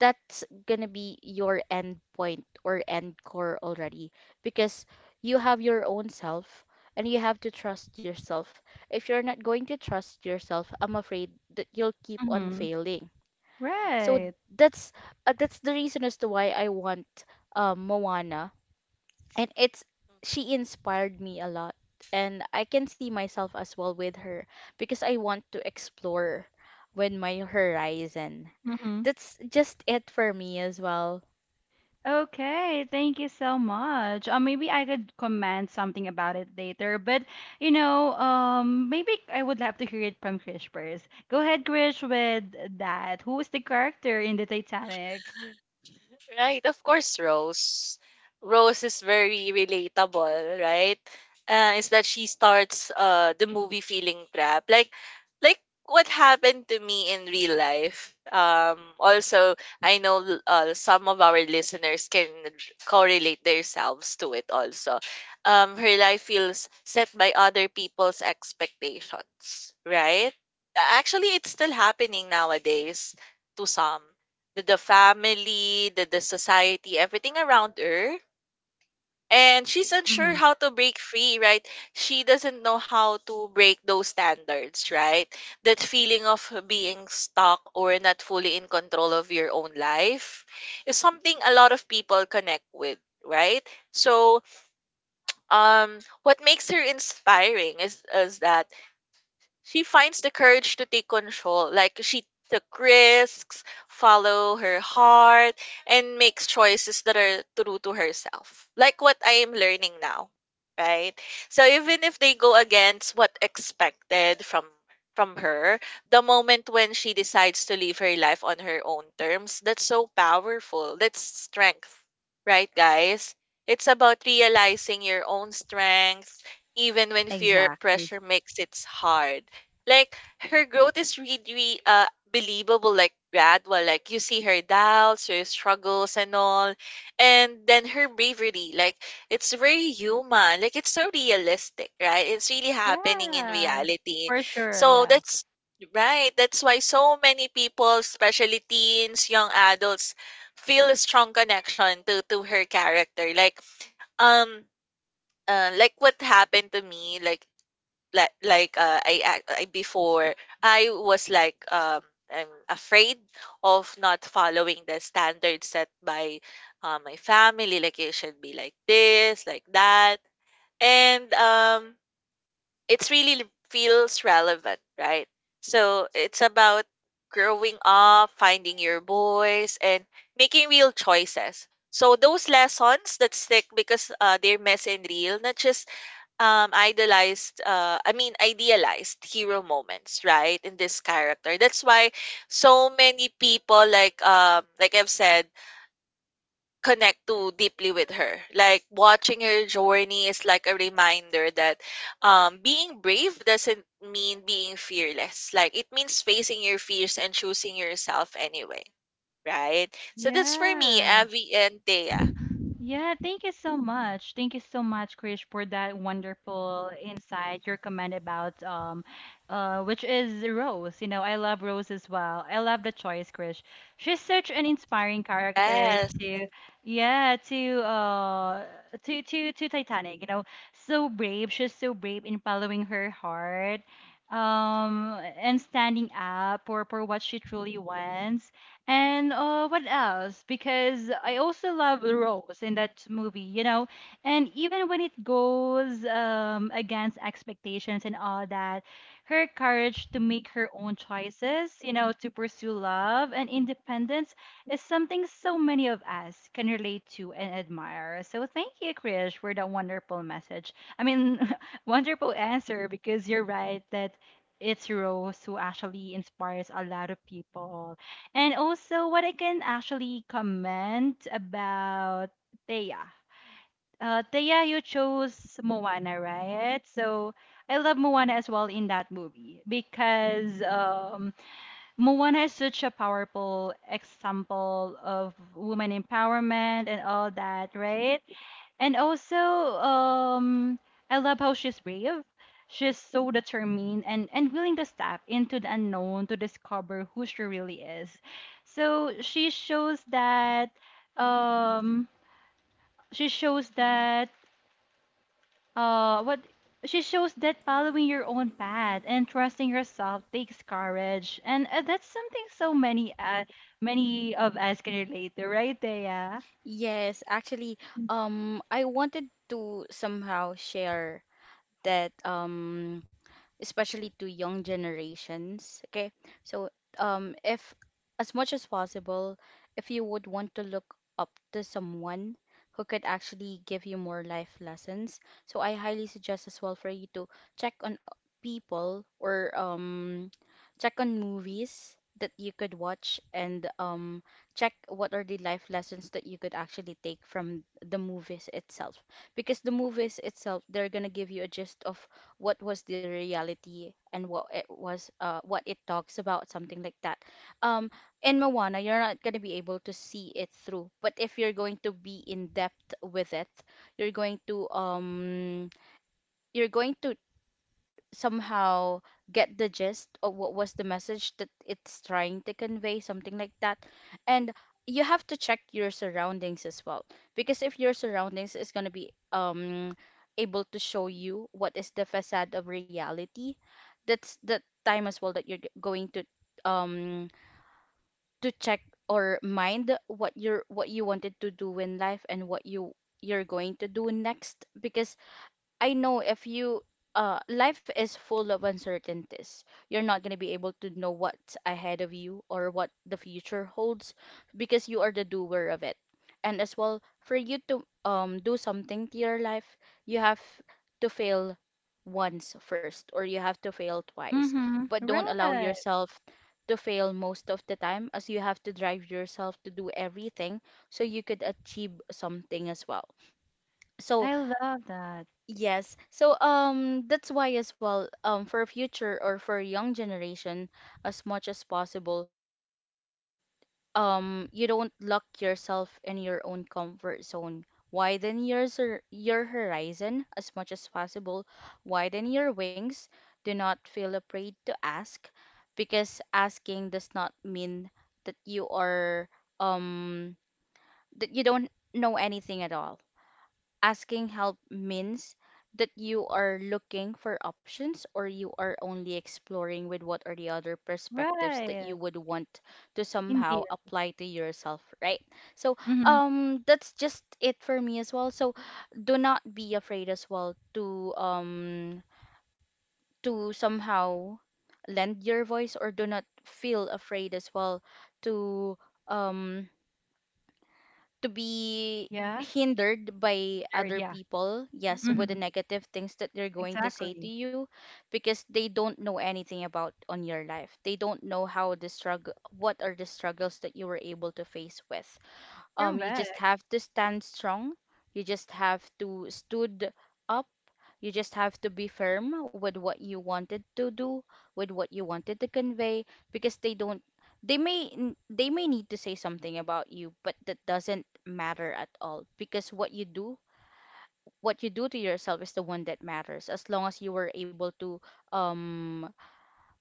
S2: that's gonna be your end point or end core already, because you have your own self and you have to trust yourself. If you're not going to trust yourself, I'm afraid that you'll keep on
S1: Mm-hmm.
S2: failing. So
S1: Right.
S2: that's that's the reason as to why I want Moana, and it's she inspired me a lot, and I can see myself as well with her because I want to explore with my horizon. That's just it for me as well.
S1: Okay, thank you so much. Maybe I could comment something about it later, but you know, maybe I would love to hear it from Krish first. Go ahead, Krish, with that. Who is the character in the Titanic?
S3: Right, of course, Rose. Rose is very relatable, right? Is that she starts the movie feeling trapped, like what happened to me in real life. Also, I know some of our listeners can correlate themselves to it. Also, her life feels set by other people's expectations, right? Actually, it's still happening nowadays to some the family, the society, everything around her. And she's unsure
S1: Mm-hmm.
S3: how to break free, right? She doesn't know how to break those standards, right? That feeling of being stuck or not fully in control of your own life is something a lot of people connect with, right? So, what makes her inspiring is that she finds the courage to take control. Like, she took risks, follow her heart, and makes choices that are true to herself. Like what I am learning now, right? So even if they go against what expected from her, the moment when she decides to live her life on her own terms, that's so powerful. That's strength, right, guys? It's about realizing your own strength, even when fear or
S2: Exactly.
S3: pressure makes it hard. Like, her growth is really believable, like gradual. Like, you see her doubts, her struggles and all, and then her bravery, like it's very human, like it's so realistic, right? It's really happening in
S1: Yeah,
S3: reality.
S1: for sure.
S3: So
S1: Yeah.
S3: that's right, that's why so many people, especially teens, young adults, feel a strong connection to her character. Like, um like what happened to me, like I, I before, I was like I'm afraid of not following the standards set by my family, like it should be like this, like that. And it's really feels relevant, right? So it's about growing up, finding your voice, and making real choices. So those lessons that stick because they're messy and real, not just idolized I mean idealized hero moments, right, in this character. That's why so many people, like I've said, connect too deeply with her. Like, watching her journey is like a reminder that being brave doesn't mean being fearless. Like, it means facing your fears and choosing yourself anyway, right? So that's for me,
S1: Yeah.
S3: Avi and Thea.
S1: Yeah, thank you so much. Thank you so much, Krish, for that wonderful insight, your comment about which is Rose. You know, I love Rose as well. I love the choice, Krish. She's such an inspiring character
S3: Yes,
S1: to yeah, to Titanic, you know. So brave. She's so brave in following her heart and standing up for what she truly wants and what else? Because I also love Rose in that movie, you know. And even when it goes against expectations and all that, her courage to make her own choices, you know, to pursue love and independence is something so many of us can relate to and admire. So thank you, Krish, for that wonderful message. I mean, wonderful answer because you're right that it's Rose who actually inspires a lot of people and also, what I can actually comment about Thea. Thea, you chose Moana, right? So I love Moana as well in that movie because Moana is such a powerful example of woman empowerment and all that, right? And also, I love how she's brave. She's so determined and, willing to step into the unknown to discover who she really is. So um she shows that what she shows that following your own path and trusting yourself takes courage. And that's something so many many of us can relate to, right, Thea?
S2: Yes, actually, I wanted to somehow share that especially to young generations, okay? So if, as much as possible, if you would want to look up to someone who could actually give you more life lessons, so I highly suggest as well for you to check on people, or check on movies that you could watch, and check what are the life lessons that you could actually take from the movies itself, because the movies itself, they're gonna give you a gist of what was the reality and what it was, what it talks about, something like that. um in Moana, you're not gonna be able to see it through, but if you're going to be in depth with it, you're going to you're going to somehow get the gist of what was the message that it's trying to convey, something like that. And you have to check your surroundings as well, because if your surroundings is going to be able to show you what is the facade of reality, that's the time as well that going to um to check or mind what you're what you wanted to do in life and what you you're going to do next. Because I know if you life is full of uncertainties. You're not gonna be able to know what's ahead of you or what the future holds, because you are the doer of it. And as well, for you to do something to your life, you have to fail once first, or you have to fail twice.
S1: Mm-hmm.
S2: But don't allow
S1: Right.
S2: yourself to fail most of the time, as you have to drive yourself to do everything so you could achieve something as well. So
S1: I love that.
S2: yes. So that's why as well, for future or for young generation, as much as possible, you don't you don't lock yourself in your own comfort zone. Widen your horizon as much as possible. Widen your wings. Do not feel afraid to ask, because asking does not mean that you are um that you don't know anything at all. Asking help means that you are looking for options, or you are only exploring with what are the other perspectives that you
S1: Right.
S2: would want to somehow
S1: Indeed.
S2: apply to yourself, right? So,
S1: Hmm.
S2: that's just it for me as well. So, do not be afraid as well to somehow lend your voice, or do not feel afraid as well to um to be
S1: Yeah.
S2: hindered by
S1: Catered,
S2: other
S1: yeah.
S2: people, yes,
S1: Hmm.
S2: with the negative things that they're going to say to
S1: Exactly.
S2: you, because they don't know anything about on your life. They don't know how the struggle, what are the struggles that you were able to face with. You just
S1: Correct.
S2: have to stand strong. You just have to stood up, you just have to be firm with what you wanted to do, with what you wanted to convey, because they don't they may n- they may need to say something about you, but that doesn't matter at all, because what you do to yourself is the one that matters. As long as you were able to um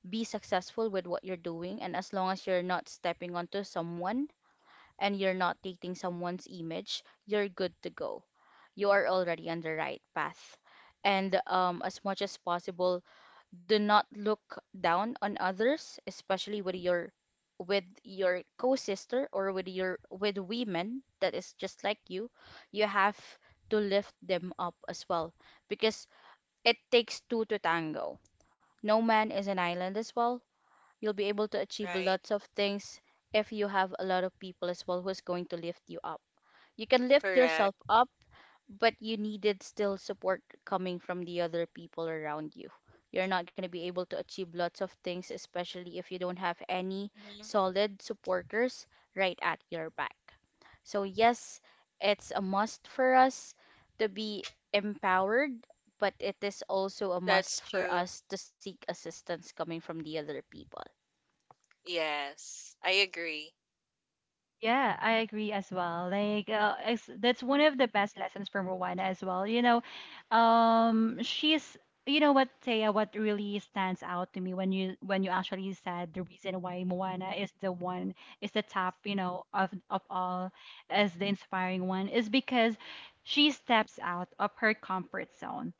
S2: be successful with what you're doing, and as long as you're not stepping onto someone and you're not taking someone's image, you're good to go. You are already on the right path, and as much as possible, do not look down on others, especially with your co-sister, or with your with women that is just like you. You have to lift them up as well, because it takes two to tango. No man is an island as well. You'll be able to achieve
S3: right.
S2: lots of things if you have a lot of people as well who's going to lift you up. You can lift
S3: Correct.
S2: yourself up, but you needed still support coming from the other people around you. You're not going to be able to achieve lots of things, especially if you don't have any
S3: Mhm.
S2: solid supporters right at your back. So, yes, it's a must for us to be empowered, but it is also a
S3: That's
S2: must for
S3: true.
S2: us to seek assistance coming from the other people.
S3: Yes, I agree.
S1: Yeah, I agree as well. Like, it's, that's one of the best lessons from Rowena as well. You know, she's, you know what, Taya, what really stands out to me when you actually said the reason why Moana is the one is the top, you know, of all as the inspiring one is because she steps out of her comfort zone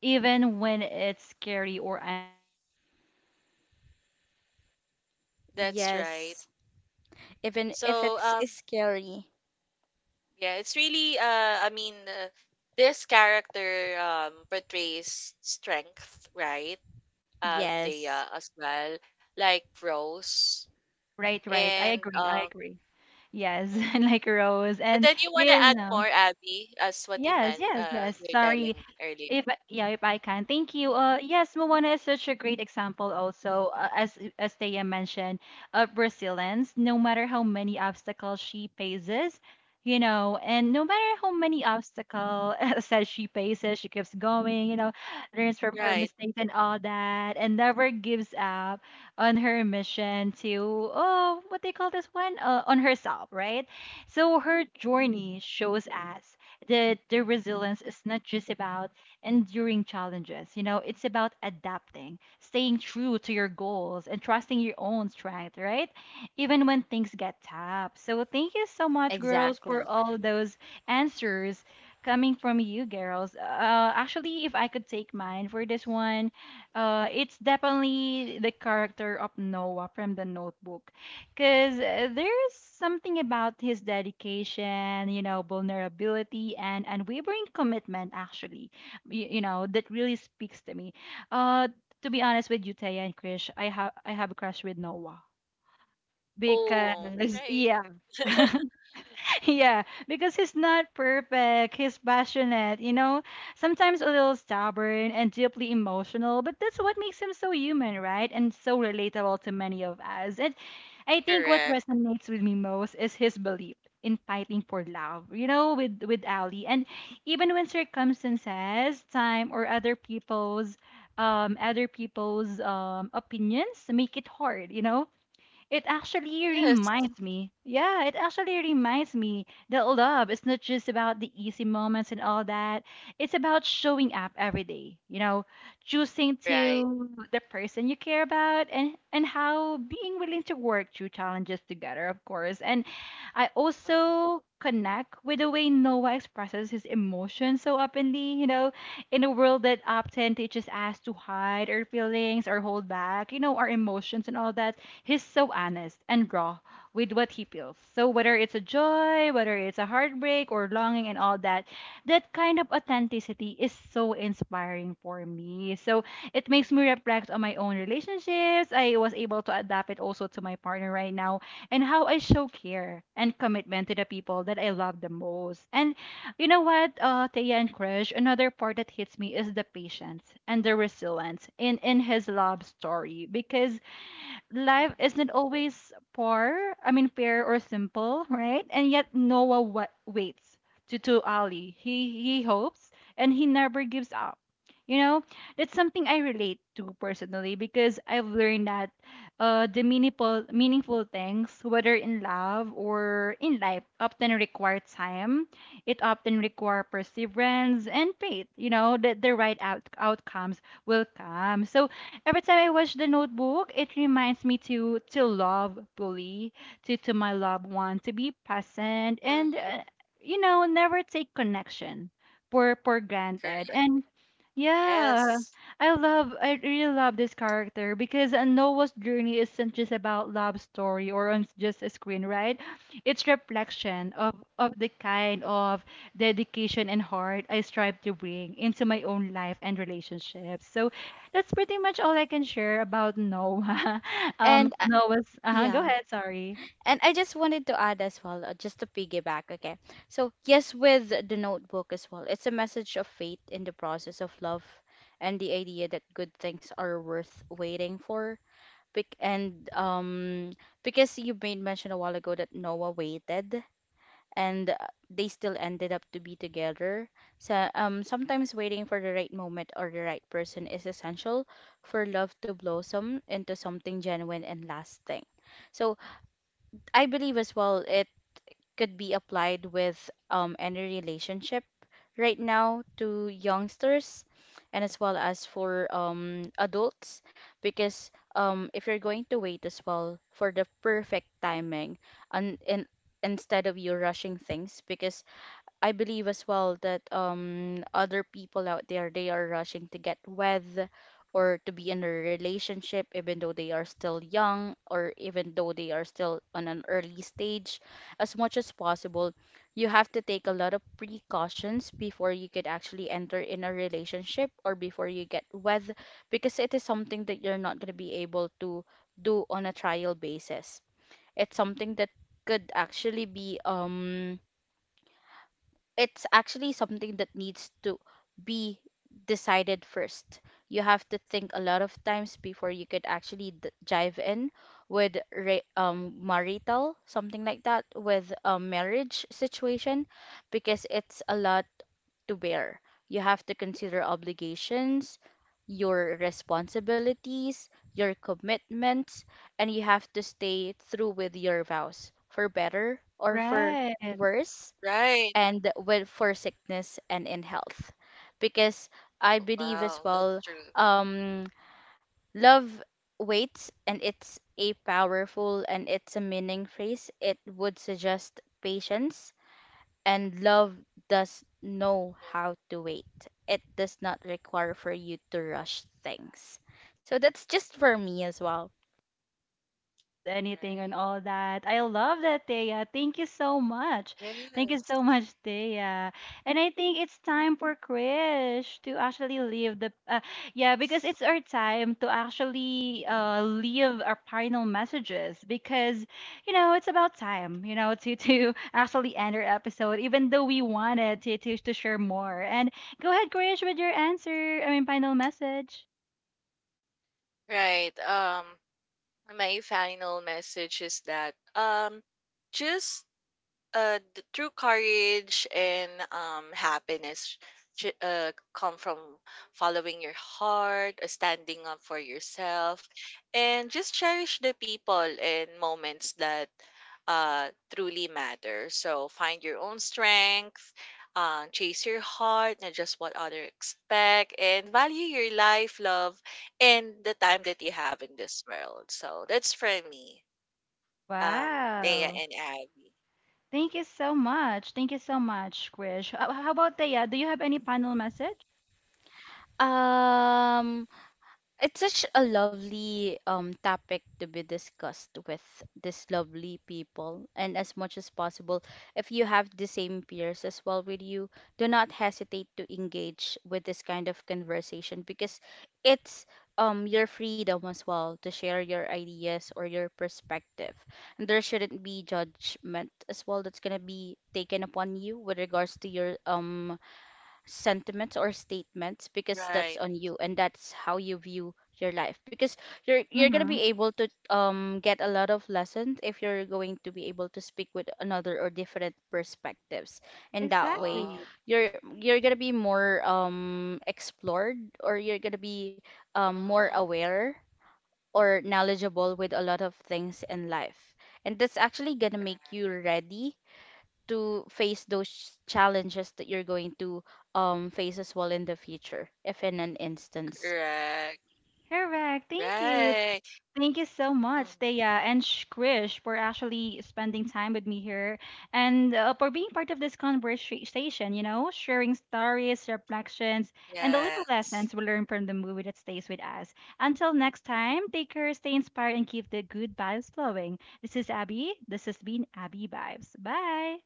S1: even when it's scary or uncertain. You know, she teaches us that growth,
S3: That's right.
S2: Yes,
S1: discovery, and real change,
S2: even
S1: of
S2: if
S3: So,
S1: course,
S2: it's
S1: happen when we take
S2: scary.
S1: risk and trust
S3: yeah, it's
S1: ourselves.
S3: really, this character portrays strength, right? Thea
S2: Yes.
S3: as well, like Rose,
S1: Right, right. I
S3: and
S1: agree. I agree. Yes, and
S3: mhm.
S1: like Rose.
S3: And
S1: And,
S3: then you want to
S1: you
S3: add
S1: know,
S3: more, Abby, as what you
S1: yes,
S3: meant,
S1: yes, yes.
S3: you're telling
S1: Sorry.
S3: earlier.
S1: If I- Yeah, if I can, thank you. Yes, Moana is such a great example. Also, as Thea mentioned, of resilience. No matter how many obstacles she faces, you know, and no matter how many obstacles says she faces, she keeps going. You know, learns from
S3: Mhm.
S1: her
S3: Right.
S1: mistakes and all that, and never gives up on her mission to oh, what they call this one, on herself, right? So her journey shows us that the resilience is not just about enduring challenges. You know, it's about adapting, staying true to your goals, and trusting your own strength, right? Even when things get tough. So, thank you so much, girls, for
S2: Exactly.
S1: all those answers coming from you, girls. Actually, if I could take mine for this one, it's definitely the character of Noah from the notebook. Because there's something about his dedication, you know, vulnerability, and unwavering commitment, actually you know that really speaks to me uh to be honest with you, Taya and Krish, I have a crush with Noah
S3: Oh,
S1: because
S3: right.
S1: yeah yeah because he's not perfect, he's passionate, you know, sometimes a little stubborn and deeply emotional, but that's what makes him so human, right, and so relatable to many of us. And I think what
S3: Correct.
S1: resonates with me most is his belief in fighting for love, you know, with Ali. And even when circumstances, time or other people's opinions make it hard, you know, it actually
S3: Yes.
S1: reminds me. Yeah, it actually reminds me that love is not just about the easy moments and all that. It's about showing up every day, you know, choosing
S3: Right.
S1: to the person you care about and how being willing to work through challenges together, of course. And I also
S3: Mm-hmm.
S1: connect with the way Noah expresses his emotions so openly, you know, in a world that often teaches us to hide our feelings or hold back, you know, our emotions and all that. He's so honest and raw with what he feels. So whether it's a joy, whether it's a heartbreak or longing and all that, that kind of authenticity is so inspiring for me. So it makes me reflect on my own relationships. I was able to adapt it also to my partner right now, and how I show care and commitment to the people that I love the most. And you know what, Taya and Krish, another part that hits me is the patience and the resilience in his love story. Because life isn't
S3: Mm-hmm.
S1: always poor, I mean fair or simple, right? And yet waits to Ali. He hopes and he never gives up. You know, that's something I relate to personally because I've learned that the meaningful things, whether in love or in life, often require time. It often require perseverance and faith. You know, that the right outcomes will come. So every time I watch The Notebook, it reminds me to love fully, to my loved one, to be present, and
S3: Mm-hmm.
S1: you know, never take connection for granted. And yeah,
S3: Yes.
S1: I love, I really love this character because Noah's journey isn't just about love story or on just a screen, right? It's reflection of the kind of dedication and heart I strive to bring into my own life and relationships. So that's pretty much all I can share about Noah.
S2: And
S1: Noah's. Go
S2: yeah.
S1: ahead. Sorry.
S2: And I just wanted to add as well, just to piggyback, okay? So, yes, with the notebook as well, it's a message of faith in the process of love and the idea that good things are worth waiting for. Bec- and because you made mention a while ago that Noah waited, and they still ended up to be together. So, sometimes waiting for the right moment or the right person is essential for love to blossom into something genuine and lasting. So I believe as well it could be applied with any relationship right now to youngsters, and as well as for adults, because if you're going to wait as well for the perfect timing, and instead of you rushing things, because I believe as well that other people out there, they are rushing to get with, or to be in a relationship even though they are still young, or even though they are still on an early stage. As much as possible, you have to take a lot of precautions before you could actually enter in a relationship or before you get with, because it is something that you're not going to be able to do on a trial basis. It's something that could actually be it's actually something that needs to be decided first. You have to think a lot of times before you could actually jive in with marital, something like that, with a marriage situation, because it's a lot to bear. You have to consider obligations, your responsibilities, your commitments, and you have to stay through with your vows for better or for
S1: Right.
S3: Mm,
S2: worse,
S3: right.
S2: and with for sickness and in health, because I believe as
S3: Wow, that's
S2: well
S3: true.
S2: um love waits, and it's a powerful and it's a meaning phrase. It would suggest patience, and love does know
S3: Mhm,
S2: how to wait. It does not require
S1: Yeah,
S2: for
S1: like
S2: you to
S1: love
S2: rush
S1: does
S2: things.
S1: not, it
S2: So
S1: it's
S2: that's
S1: it's
S2: just
S1: blind,
S2: for
S1: you
S2: me
S1: know,
S2: as
S1: it
S2: well.
S1: does not actually choose anything and
S3: right.
S1: all that. I love that, Thea. Thank you so much. Thank you
S3: Yes.
S1: so much, Thea. And I think it's time for Krish to actually leave the yeah, because it's our time to actually leave our final messages because you know, it's about time, you know, to to actually end our episode even though we wanted to to share more. And go ahead, Krish, with your answer. I mean, final message.
S3: Right. My final message is that just the true courage and happiness come from following your heart, standing up for yourself, and just cherish the people and moments that uh truly matter. So find your own strength, chase your heart, not just what others expect, and value your life, love, and the time that you have in this world. So that's for me, um Thea
S1: Wow.
S3: and Abby.
S1: Thank you so much. Thank you so much, Krish. How about Thea? Do you have any final message?
S2: um It's such a lovely topic to be discussed with this lovely people, and as much as possible, if you have the same peers as well with you, do not hesitate to engage with this kind of conversation, because it's your freedom as well to share your ideas or your perspective, and there shouldn't be judgment as well that's going to be taken upon you with regards to your sentiments or statements, because
S3: Right.
S2: that's on you and that's how you view your life. Because you're going to
S1: Mm-hmm.
S2: be able to get a lot of lessons if you're going to be able to speak with another or different perspectives, and that way
S3: Oh,
S1: Exactly.
S2: you're going to be more explored, or you're going to be more
S3: mhm.
S2: aware or knowledgeable with a lot of things in life, and that's actually going to make you
S3: Right.
S2: ready to face those challenges that you're going to face as well in the future, if in an instance.
S3: Correct.
S1: Correct. Thank you.
S3: Right.
S1: Thank you so much,
S3: Mm,
S1: Thea and Krish, for actually spending time with me here and for being part of this conversation, you know, sharing stories, reflections, and the little
S3: yes.
S1: lessons we learn from the movie that stays with us. Until next time, take care, stay inspired, and keep the good vibes flowing. This is Abby. This has been Abby Vibes. Bye.